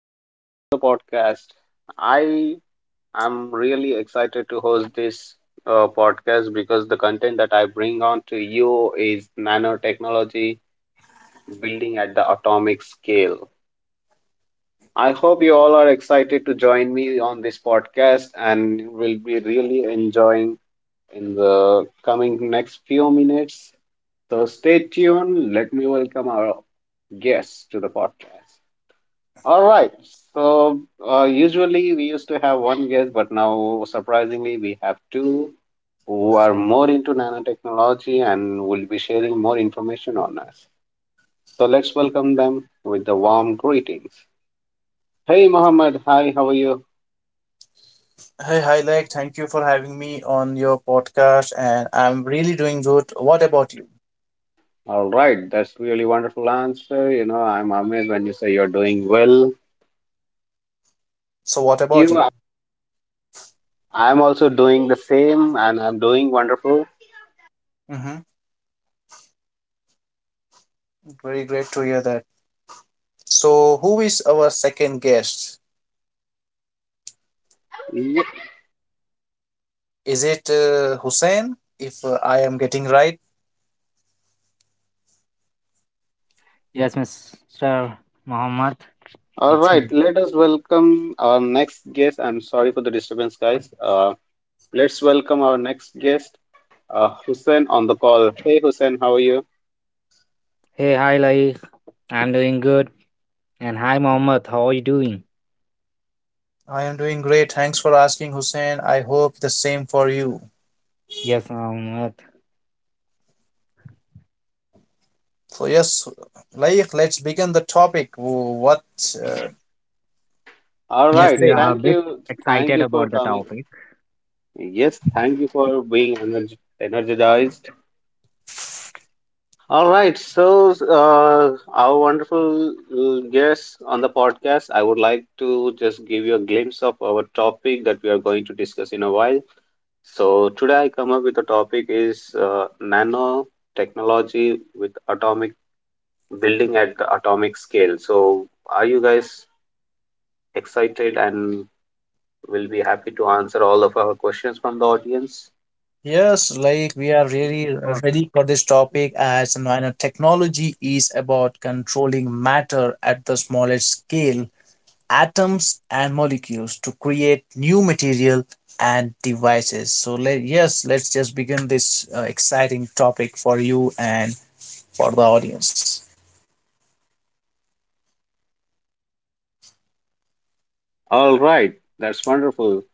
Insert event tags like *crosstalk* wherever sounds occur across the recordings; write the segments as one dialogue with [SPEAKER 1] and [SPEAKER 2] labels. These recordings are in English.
[SPEAKER 1] Welcome to the podcast. I am really excited to host this podcast because the content that I bring on to you is nanotechnology building at the atomic scale. I hope you all are excited to join me on this podcast and will be really enjoying in the coming next few minutes. So stay tuned. Let me welcome our guests to the podcast. All right. So usually we used to have one guest, but now surprisingly we have two who are more into nanotechnology and will be sharing more information on us. So let's welcome them with the warm greetings. Hey, Mohammed. Hi, how are you?
[SPEAKER 2] Hey, hi, thank you for having me on your podcast, and I'm really doing good. What about you?
[SPEAKER 1] All right. That's really wonderful answer. You know, I'm amazed when you say you're doing well.
[SPEAKER 2] So, what
[SPEAKER 1] Thank
[SPEAKER 2] about
[SPEAKER 1] you.
[SPEAKER 2] you?
[SPEAKER 1] I'm also doing the same and I'm doing wonderful.
[SPEAKER 2] Mm-hmm. Very great to hear that. So, who is our second guest?
[SPEAKER 1] Yeah.
[SPEAKER 2] Is it Hussein? If I am getting right,
[SPEAKER 3] Yes, Mr. Mohammed,
[SPEAKER 1] All
[SPEAKER 3] it's
[SPEAKER 1] right,
[SPEAKER 3] me.
[SPEAKER 1] let us welcome our next guest. I'm sorry for the disturbance, guys. Let's welcome our next guest, Hussein, on the call. Hey, Hussein, how are you?
[SPEAKER 3] Hey, hi, Laik. I'm doing good. And hi, Mohammed. How are you doing?
[SPEAKER 2] I am doing great. Thanks for asking, Hussein. I hope the same for you.
[SPEAKER 3] Yes, Mohammed.
[SPEAKER 2] So, yes, let's begin the topic. What uh,
[SPEAKER 1] All
[SPEAKER 2] do you
[SPEAKER 3] Yes, we
[SPEAKER 1] right,
[SPEAKER 2] say?
[SPEAKER 3] are a
[SPEAKER 1] thank
[SPEAKER 3] bit
[SPEAKER 1] you. Thank
[SPEAKER 3] excited
[SPEAKER 1] you for
[SPEAKER 3] about the
[SPEAKER 1] coming.
[SPEAKER 3] topic.
[SPEAKER 1] Yes, thank you for being energized. All right, so our wonderful guest on the podcast, I would like to just give you a glimpse of our topic that we are going to discuss in a while. So today I come up with a topic is nanotechnology with atomic building at the atomic scale. So are you guys excited and will be happy to answer all of our questions from the audience?
[SPEAKER 2] Yes, like we are
[SPEAKER 3] Yes,
[SPEAKER 2] really
[SPEAKER 3] of course.
[SPEAKER 2] ready for this topic. As you know, technology is about controlling matter at the smallest scale, atoms and molecules to create new material and devices. So, let's just begin this exciting topic for you and for the audience.
[SPEAKER 1] All right, that's wonderful.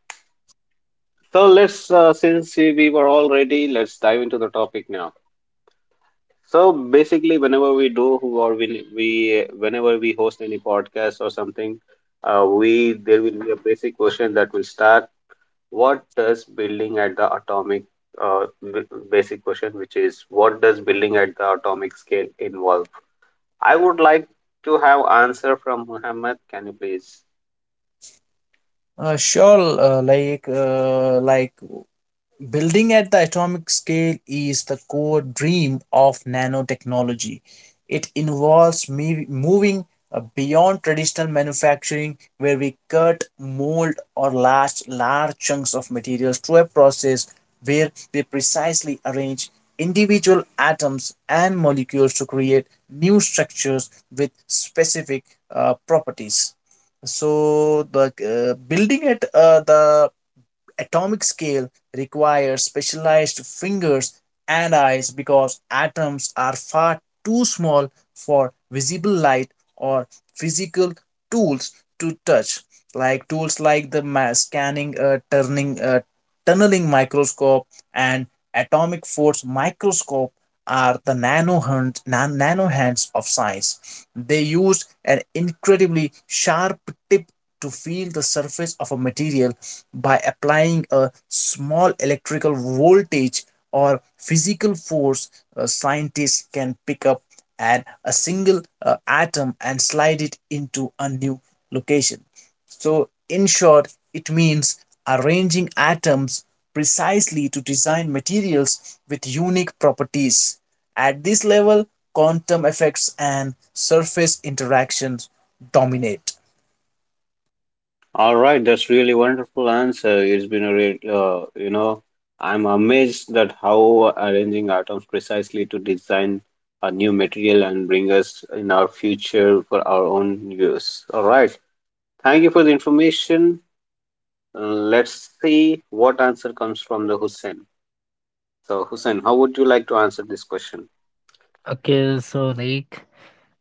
[SPEAKER 1] So let's since we were all ready, let's dive into the topic now. So basically, whenever we host any podcast or something, we there will be a basic question that will start what does building at the atomic b- basic question which is what does building at the atomic scale involve. I would like to have answer from Muhammad. Can you please?
[SPEAKER 2] Sure, building at the atomic scale is the core dream of nanotechnology. It involves moving beyond traditional manufacturing, where we cut, mold, or last large chunks of materials to a process where we precisely arrange individual atoms and molecules to create new structures with specific properties. So the building at the atomic scale requires specialized fingers and eyes because atoms are far too small for visible light or physical tools to touch. Like tools like the scanning turning tunneling microscope and atomic force microscope are the nano hands of science. They use an incredibly sharp tip to feel the surface of a material by applying a small electrical voltage or physical force. Scientists can pick up and a single atom and slide it into a new location. So, in short, it means arranging atoms precisely to design materials with unique properties. At this level, quantum effects and surface interactions dominate.
[SPEAKER 1] All right, that's really wonderful answer. It's been a real, you know, I'm amazed that how arranging atoms precisely to design a new material and bring us in our future for our own use. All right, thank you for the information. Let's see what answer comes from the Hussein. So, Hussein, how would you like to answer this question?
[SPEAKER 3] Okay, so like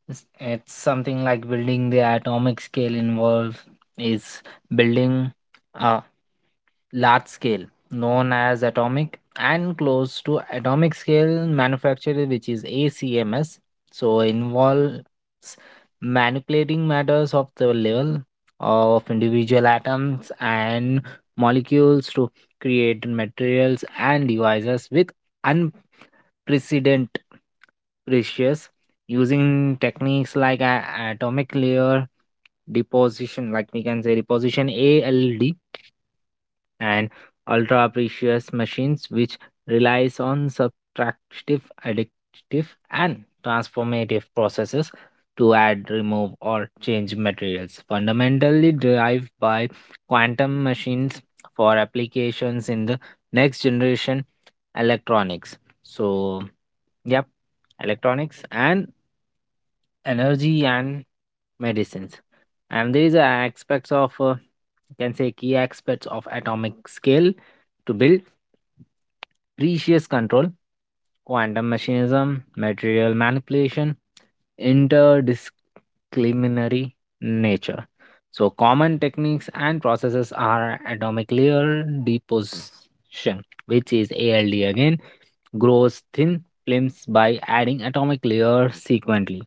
[SPEAKER 3] it's something like building the atomic scale involves is building a large scale known as atomic and close to atomic scale manufacture, which is acms, so involves manipulating matters of the level of individual atoms and molecules to create materials and devices with unprecedented precious using techniques like atomic layer deposition, like we can say deposition ald, and ultra precious machines which relies on subtractive additive and transformative processes to add, remove or change materials fundamentally derived by quantum machines for applications in the next generation electronics. So yep, electronics and energy and medicines. And there is a aspects of can say key aspects of atomic scale to build precious control, quantum mechanism, material manipulation, interdisciplinary nature. So common techniques and processes are atomic layer deposition, which is ALD again, grows thin films by adding atomic layer sequentially.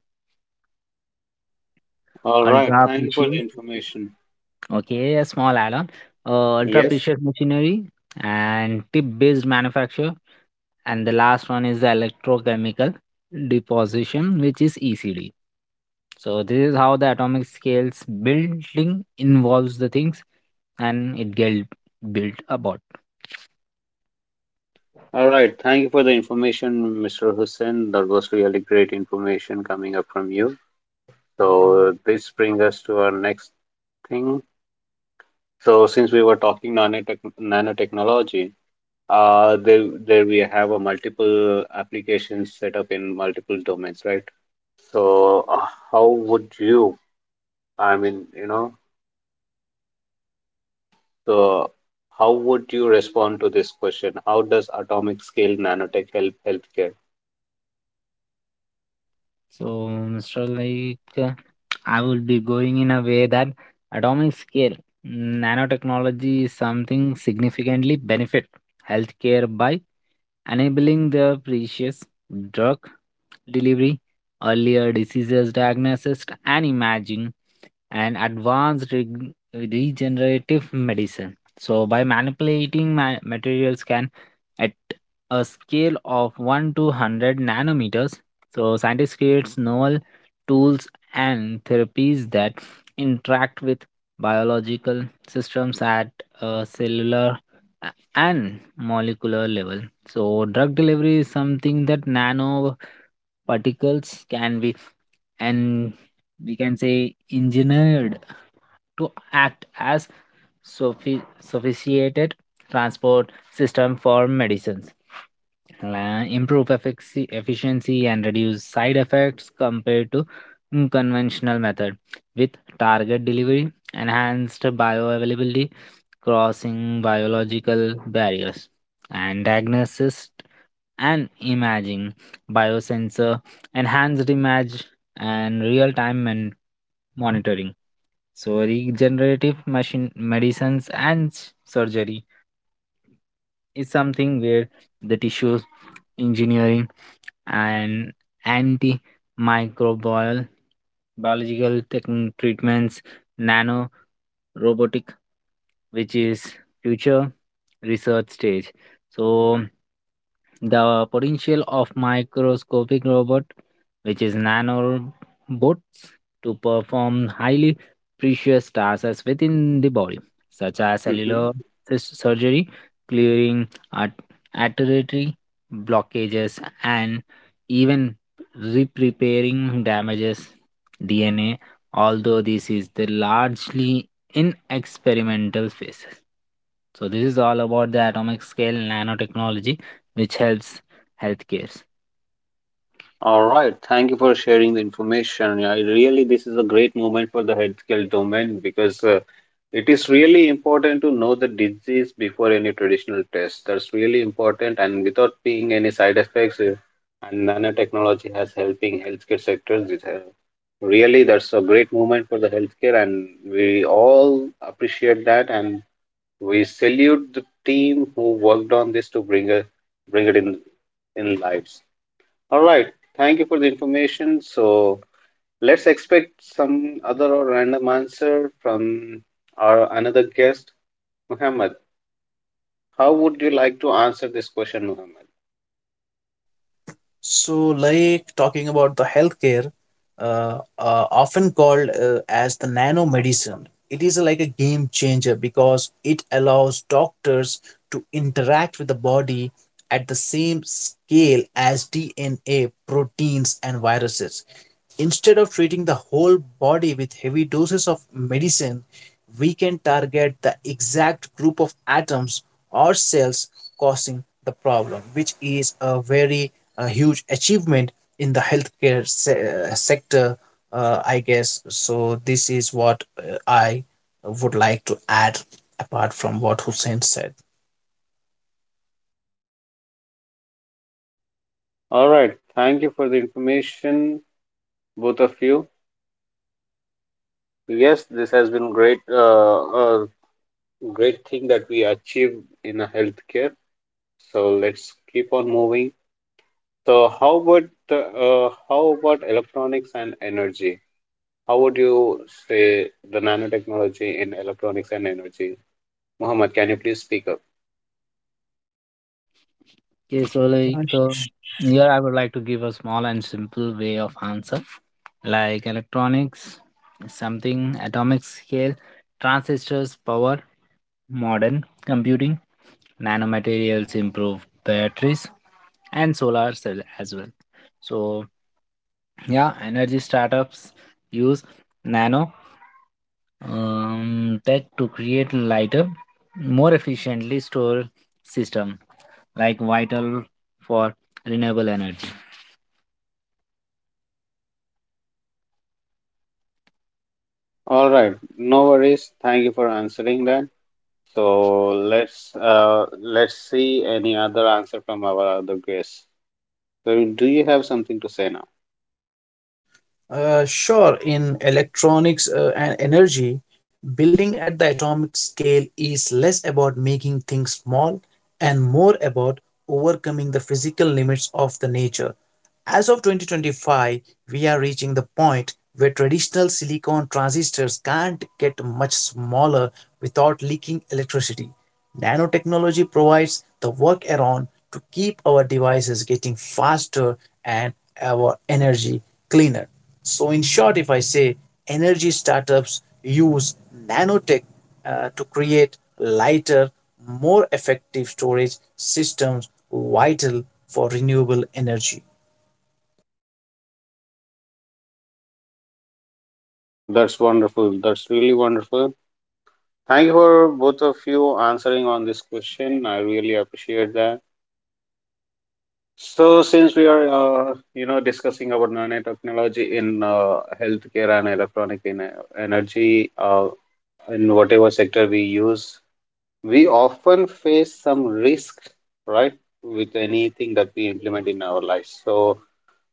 [SPEAKER 1] All right.
[SPEAKER 3] Ultra
[SPEAKER 1] Thank you for the
[SPEAKER 3] precious.
[SPEAKER 1] information.
[SPEAKER 3] Okay, a small add-on. Ultra
[SPEAKER 1] Yes.
[SPEAKER 3] precious machinery and tip-based manufacture. And the last one is the electrochemical deposition, which is ECD. So this is how the atomic scales building involves the things and it get built about.
[SPEAKER 1] All right. Thank you for the information, Mr. Hussein. That was really great information coming up from you. So, this brings us to our next thing. So, since we were talking nanotechnology, there we have a multiple applications set up in multiple domains, right? So, how would you, I mean, you know, so, how would you respond to this question? How does atomic scale nanotech help healthcare?
[SPEAKER 3] So Mr. Like uh, I will be going in a way that atomic scale nanotechnology is something significantly benefit healthcare by enabling the precious drug delivery, earlier diseases diagnosis and imaging, and advanced regenerative medicine. So, by manipulating materials can at a scale of 1 to 100 nanometers, so scientists creates novel tools and therapies that interact with biological systems at a cellular and molecular level. So drug delivery is something that nanoparticles can be, and we can say, engineered to act as sophisticated transport system for medicines. Improve efficiency and reduce side effects compared to conventional method, with target delivery, enhanced bioavailability, crossing biological barriers. And diagnosis and imaging, biosensor, enhanced image, and real time and monitoring. So, regenerative machine medicines and surgery is something where the tissue engineering and antimicrobial biological treatments, robotic, which is future research stage. So the potential of microscopic robot, which is nanobots, to perform highly precious tasks within the body, such as
[SPEAKER 1] Mm-hmm.
[SPEAKER 3] cellular surgery, clearing artery blockages, and even repairing damages DNA. Although this is the largely in experimental phases. So this is all about the atomic scale nanotechnology, which helps healthcare.
[SPEAKER 1] All right. Thank you for sharing the information. Yeah, I really, this is a great moment for the healthcare domain because it is really important to know the disease before any traditional test. That's really important, and without being any side effects. And nanotechnology has helping healthcare sectors. It has really, that's a great moment for the healthcare, and we all appreciate that. And we salute the team who worked on this to bring it in lives. All right, thank you for the information. So let's expect some other or random answer from our another guest, Muhammad. How would you like to answer this question, Muhammad?
[SPEAKER 2] So, like, talking about the healthcare, often called as the nano medicine, it is like a game changer because it allows doctors to interact with the body at the same scale as DNA, proteins, and viruses. Instead of treating the whole body with heavy doses of medicine, we can target the exact group of atoms or cells causing the problem, which is a very huge achievement in the healthcare sector, I guess. So, this is what I would like to add apart from what Hussein said.
[SPEAKER 1] All right, thank you for the information, both of you. Yes, this has been great, a great thing that we achieved in a healthcare. So let's keep on moving. So how about how about electronics and energy? How would you say the nanotechnology in electronics and energy? Muhammad, can you please speak up?
[SPEAKER 3] Okay, so like uh, here I would like to give a small and simple way of answer. Like electronics, something atomic scale, transistors, power, modern computing, nanomaterials, improve batteries, and solar cell as well. So yeah, energy startups use nano that to create lighter, more efficiently store system, like vital for renewable energy.
[SPEAKER 1] All right, no worries. Thank you for answering that. So let's see any other answer from our other guests. So do you have something to say now?
[SPEAKER 2] Sure, in electronics and energy, building at the atomic scale is less about making things small and more about overcoming the physical limits of the nature. As of 2025, we are reaching the point where traditional silicon transistors can't get much smaller without leaking electricity. Nanotechnology provides the workaround to keep our devices getting faster and our energy cleaner. So, in short, if I say energy startups use nanotech to create lighter, more effective storage systems vital for renewable energy.
[SPEAKER 1] That's wonderful. That's really wonderful. Thank you for both of you answering on this question. I really appreciate that. So, since we are, discussing about nanotechnology in healthcare and electronic in energy, in whatever sector we use, we often face some risks, right, with anything that we implement in our lives. So,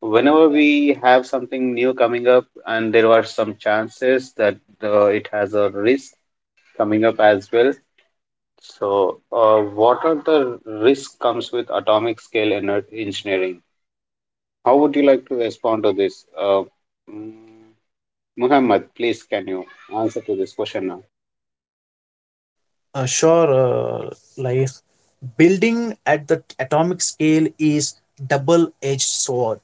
[SPEAKER 1] whenever we have something new coming up, and there are some chances that it has a risk coming up as well. So, what are the risk comes with atomic scale ener engineering? How would you like to respond to this? Mm, Muhammad, please, can you answer to this question now?
[SPEAKER 2] Sure, building at the atomic scale is double-edged sword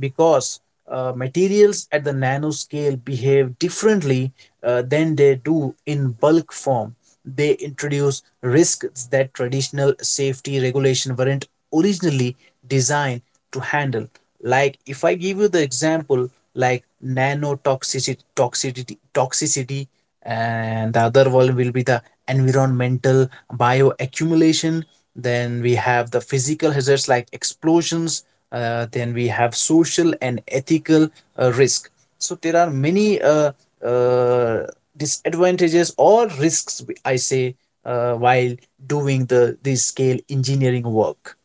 [SPEAKER 2] because materials at the nanoscale behave differently than they do in bulk form. They introduce risks that traditional safety regulation weren't originally designed to handle. Like, if I give you the example, like nanotoxicity, toxicity, and the other one will be the environmental bioaccumulation. Then we have the physical hazards like explosions. Then we have social and ethical risk. So there are many uh, disadvantages or risks I say while doing the this scale engineering work,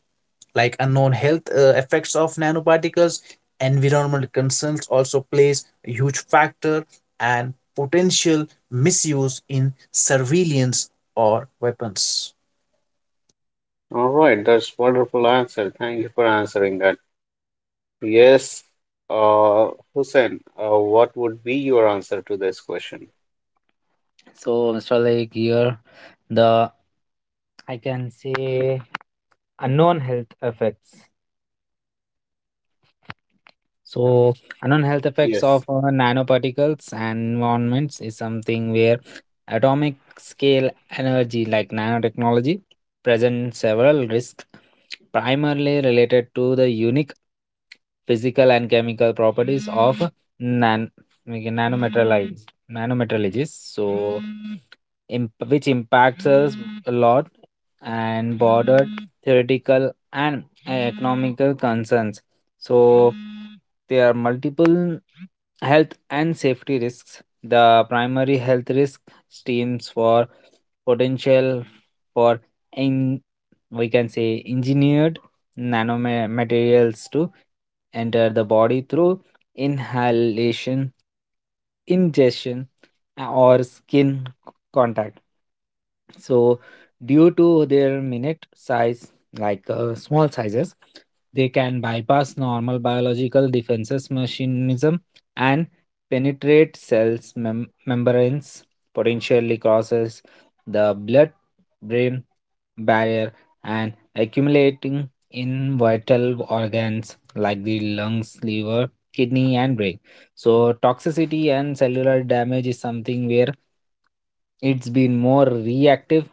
[SPEAKER 2] like unknown health effects of nanoparticles, environmental concerns also plays a huge factor, and potential misuse in surveillance or weapons.
[SPEAKER 1] All right, that's wonderful answer. Thank you for answering that. Yes, Hussein, what would be your answer to this question?
[SPEAKER 3] So, Mr. Lake, here the I can say unknown health effects. So, unknown health effects of
[SPEAKER 1] Yes.
[SPEAKER 3] nanoparticles and environments is something where atomic scale energy, like nanotechnology, present several risks, primarily related to the unique physical and chemical properties of nan- nanomaterialize, nanomaterialities. So, which impacts us a lot and bordered theoretical and economical concerns. So there are multiple health and safety risks. The primary health risk stems for potential for in, we can say, engineered nanomaterials to enter the body through inhalation, ingestion, or skin contact. So, due to their minute size, like small sizes, they can bypass normal biological defenses mechanism and penetrate cells membranes, potentially crosses the blood-brain barrier and accumulating in vital organs like the lungs, liver, kidney, and brain. So toxicity and cellular damage is something where it's been more reactive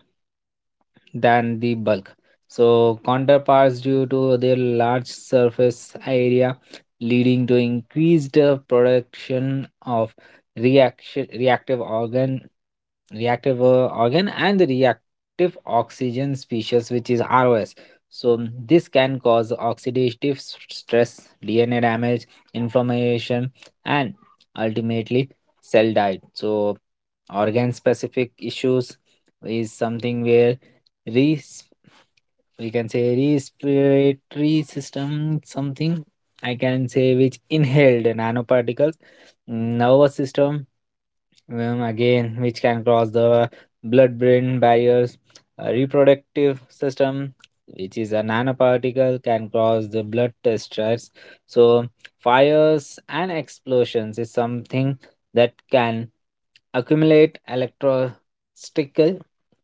[SPEAKER 3] than the bulk. So, counterparts due to their large surface area, leading to increased production of reaction reactive organ and the reactive oxygen species, which is ROS. So this can cause oxidative stress, DNA damage, inflammation, and ultimately cell diet. So organ specific issues is something where res we can say respiratory system, something I can say, which inhaled nanoparticles, nervous system, again which can cross the blood brain barriers, a reproductive system which is a nanoparticle can cross the blood stress. So fires and explosions is something that can accumulate electrostatic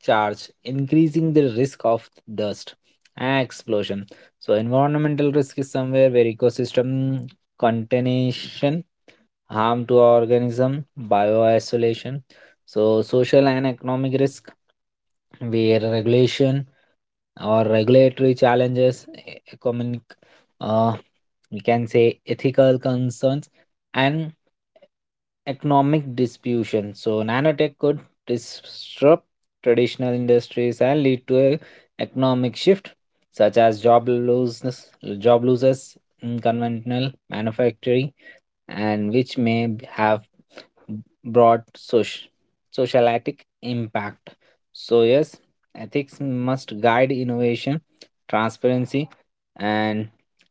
[SPEAKER 3] charge, increasing the risk of dust explosion. So, environmental risk is somewhere where ecosystem contamination, harm to organism, bioisolation. So, social and economic risk where regulation or regulatory challenges, economic, uh, we can say ethical concerns, and economic disruption. So, nanotech could disrupt traditional industries and lead to a economic shift, such as job losses in conventional manufacturing, and which may have broad social, socialitic impact. So, yes, ethics must guide innovation, transparency, and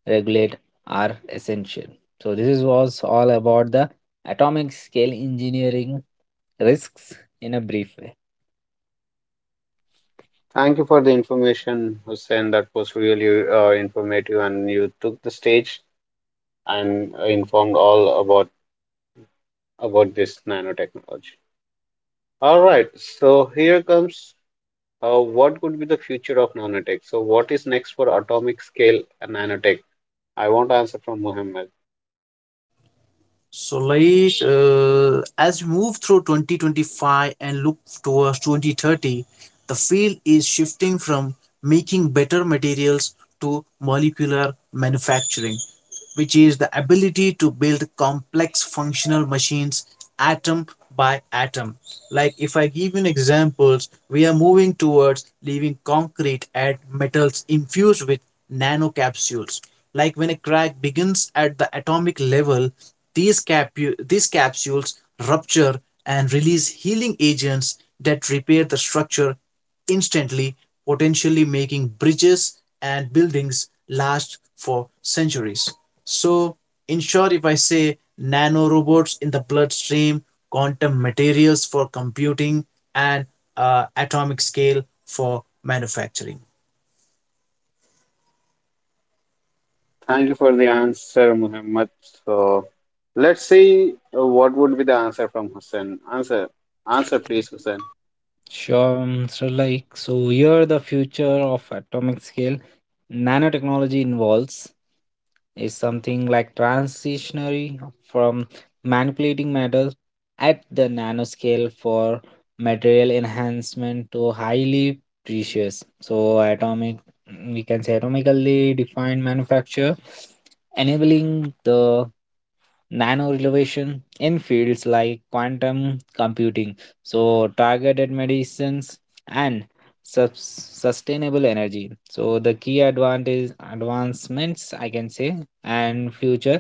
[SPEAKER 3] regulate are essential. So, this is, was all about the atomic scale engineering risks in a brief way.
[SPEAKER 1] Thank you for the information, Hussein. That was really informative, and you took the stage and informed all about this nanotechnology. All right, so here comes. What could be the future of nanotech? So, what is next for atomic scale nanotech? I want answer from Muhammad.
[SPEAKER 2] So, like, as we move through 2025 and look towards 2030, the field is shifting from making better materials to molecular manufacturing, which is the ability to build complex functional machines atom by atom. Like, if I give you an examples, we are moving towards leaving concrete and metals infused with nanocapsules. Like when a crack begins at the atomic level, these capsules rupture and release healing agents that repair the structure instantly, potentially making bridges and buildings last for centuries. So, in short, if I say nanorobots in the bloodstream, quantum materials for computing, and atomic scale for manufacturing.
[SPEAKER 1] Thank you for the answer, Muhammad. So, let's see what would be the answer from Hussein. Answer, please, Hussein.
[SPEAKER 3] So here the future of atomic scale nanotechnology involves is something like transitionary from manipulating matter at the nanoscale for material enhancement to highly precious. So atomic, we can say, atomically defined manufacture enabling the nano innovation in fields like quantum computing, so targeted medicines and sus- sustainable energy. So the key advantage advancements I can say and future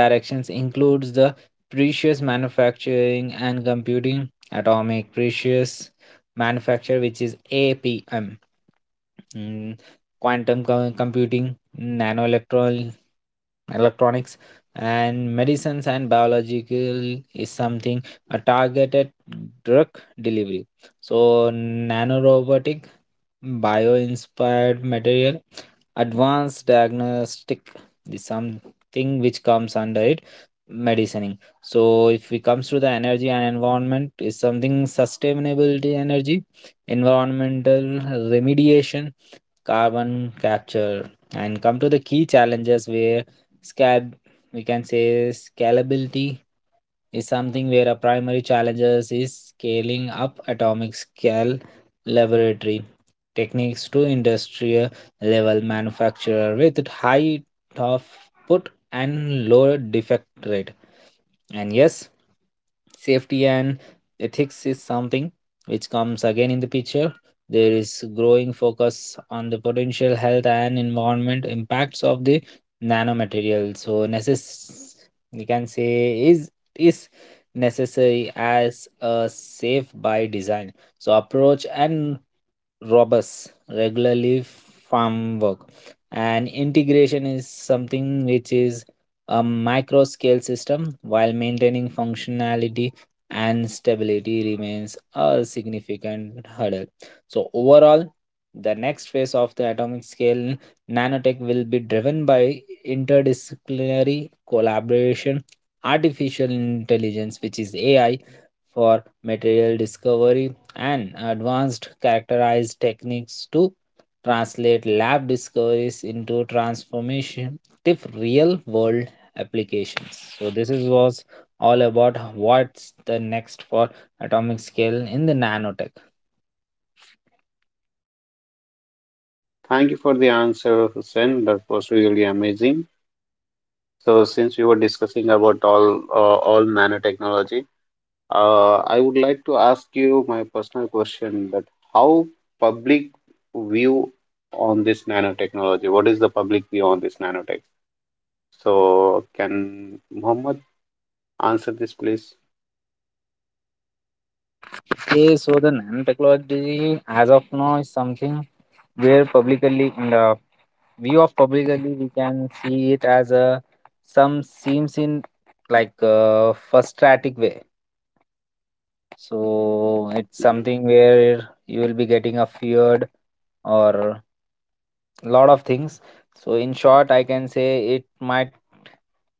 [SPEAKER 3] directions includes the precious manufacturing and computing atomic precious manufacture, which is apm. mm, quantum computing, nanoelectron electronics and medicines and biological is something a targeted drug delivery. So, nanorobotic, bio inspired material, advanced diagnostic is something which comes under it medicining. So if it comes to the energy and environment is something sustainability energy, environmental remediation, carbon capture. And come to the key challenges where scab we can say scalability is something where a primary challenges is scaling up atomic scale laboratory techniques to industrial level manufacturer with high output and low defect rate. And yes, safety and ethics is something which comes again in the picture. There is growing focus on the potential health and environment impacts of the nanomaterial. So we can say is necessary as a safe by design. So approach and robust regularly farm work and integration is something which is a micro scale system while maintaining functionality and stability remains a significant hurdle. So overall the next phase of the atomic scale nanotech will be driven by interdisciplinary collaboration, artificial intelligence, which is ai, for material discovery and advanced characterized techniques to translate lab discoveries into transformative real world applications. So this is was all about what's the next for atomic scale in the nanotech.
[SPEAKER 1] Thank you for the answer, Hussein. That was really amazing. So, since we were discussing about all nanotechnology, I would like to ask you my personal question that how public view on this nanotechnology? What is the public view on this nanotech? So can Muhammad answer this, please?
[SPEAKER 3] Okay, so the NAND technology as of now is something where publicly in the view of publicly we can see it as a some seems in like a frustratic way. So it's
[SPEAKER 1] Mhm.
[SPEAKER 3] something where you will be getting a feared or lot of things. So, in short, I can say it might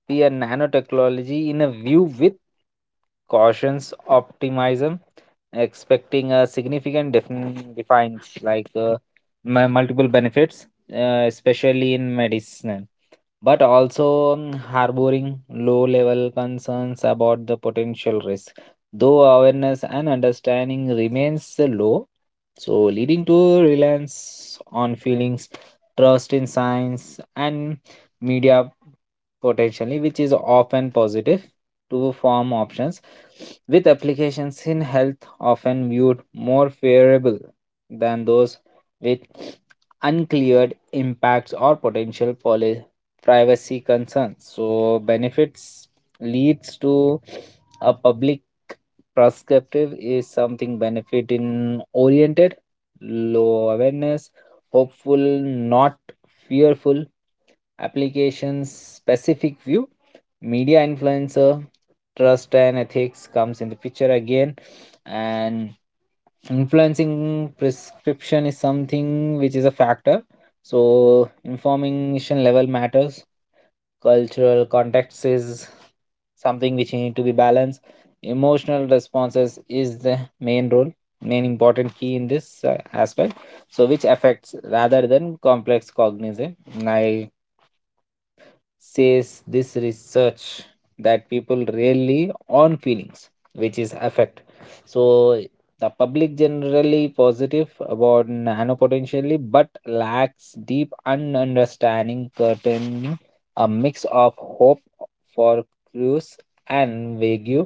[SPEAKER 3] be a nanotechnology in a view with cautions, optimism, expecting a significant defines like multiple benefits, especially in medicine, but also harboring low level concerns about the potential risk, though awareness and understanding remains low, so leading to reliance on feelings, trust in science and media, potentially which is often positive to form options, with applications in health often viewed more favorable than those with uncleared impacts or potential policy privacy concerns. So benefits leads to a public perspective is something benefit in oriented, low awareness, hopeful, not fearful, applications specific view, media influencer, trust and ethics comes in the picture again, and influencing prescription is something which is a factor. So information level matters. Cultural context is something which need to be balanced. Emotional responses is the main role, main important key in this aspect. So which affects rather than complex cognizant. I says this research that people really on feelings which is affect. So the public generally positive about nano potentially but lacks deep understanding curtain, a mix of hope for cruise and vague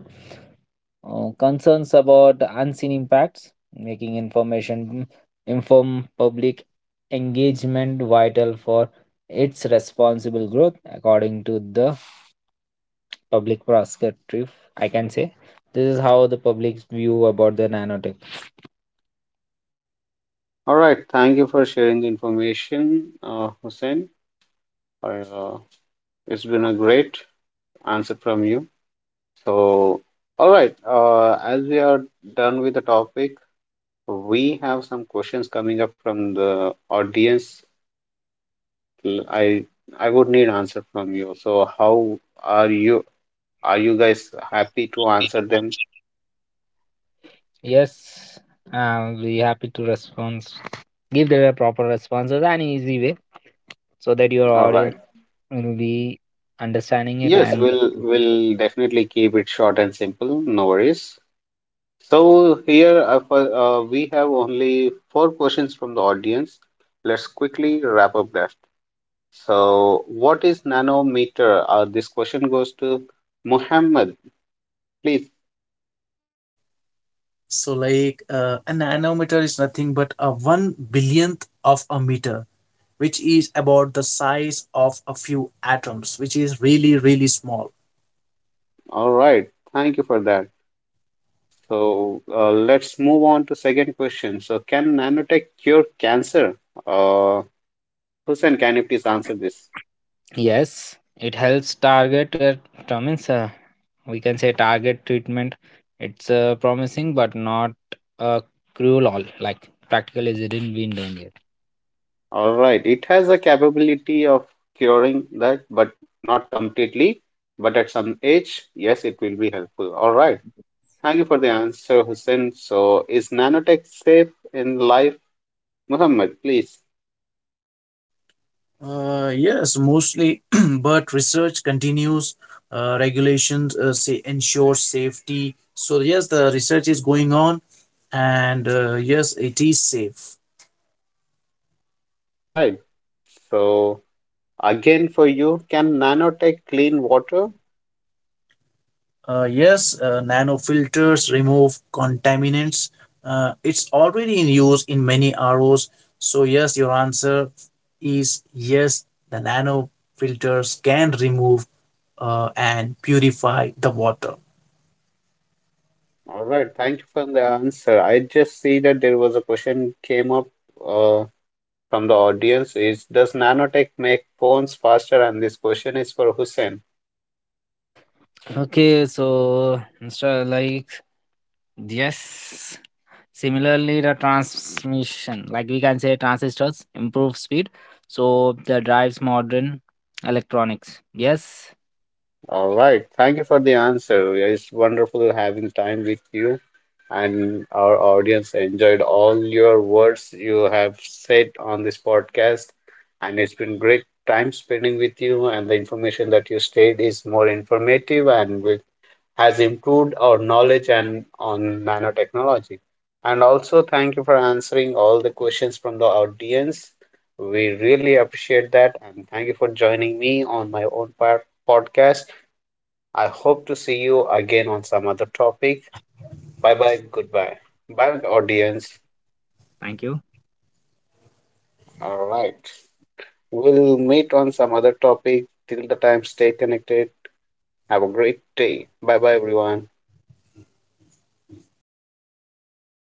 [SPEAKER 3] concerns about unseen impacts, making information inform public engagement vital for its responsible growth, according to the public prosecutor. I can say this is how the public's view about the nanotech.
[SPEAKER 1] All right. Thank you for sharing the information, Hussein. I, uh, it's been a great answer from you. So, all right. As we are done with the topic, we have some questions coming up from the audience. Mm, I I would need answer from you. So how are you? Are you guys happy to answer them?
[SPEAKER 3] Yes, I'll be happy to respond. Give them a proper responses and easy way so that your
[SPEAKER 1] All
[SPEAKER 3] audience
[SPEAKER 1] right.
[SPEAKER 3] will be understanding it
[SPEAKER 1] Yes,
[SPEAKER 3] and
[SPEAKER 1] we'll definitely keep it short and simple. No worries. So here we have only four questions from the audience. Let's quickly wrap up that. So what is nanometer? This question goes to Muhammad, please.
[SPEAKER 2] So, like, a nanometer is nothing but a one billionth of a meter, which is about the size of a few atoms, which is really, really small.
[SPEAKER 1] All right. Thank you for that. So let's move on to second question. So can nanotech cure cancer? Uh, Hussein, can you please answer this?
[SPEAKER 3] yes, it helps target determines, we can say, target treatment. It's promising but not a cruel all like practical, is it didn't been done yet.
[SPEAKER 1] All right. It has a capability of curing that, but not completely. But at some age, yes, it will be helpful. All right. Thank you for the answer, Hussein. So is nanotech safe in life? Muhammad, please.
[SPEAKER 2] Yes, mostly, *clears throat* but research continues. Regulations say ensure safety. So, yes, the research is going on, and yes, it is safe.
[SPEAKER 1] All right. So again for you, can nanotech clean water?
[SPEAKER 2] Yes, nanofilters remove contaminants. It's already in use in many ROs. So, yes, your answer is yes, the nanofilters can remove and purify the water.
[SPEAKER 1] All right, thank you for the answer. I just see that there was a question came up uh, from the audience is does nanotech make phones faster? And this question is for Hussein.
[SPEAKER 3] Okay, so Mr. like yes. Similarly, the transmission, like we can say, transistors improve speed, so the drives modern electronics. Yes,
[SPEAKER 1] All right, thank you for the answer. It's wonderful having time with you and our audience enjoyed all your words you have said on this podcast and it's been great time spending with you and the information that you stated is more informative and will has improved our knowledge and on nanotechnology. And also, thank you for answering all the questions from the audience. We really appreciate that, and thank you for joining me on my own podcast. I hope to see you again on some other topic. Bye bye, goodbye. Bye, audience.
[SPEAKER 3] thank you.
[SPEAKER 1] All right. We'll meet on some other topic. Till the time, stay connected. Have a great day. Bye bye, everyone.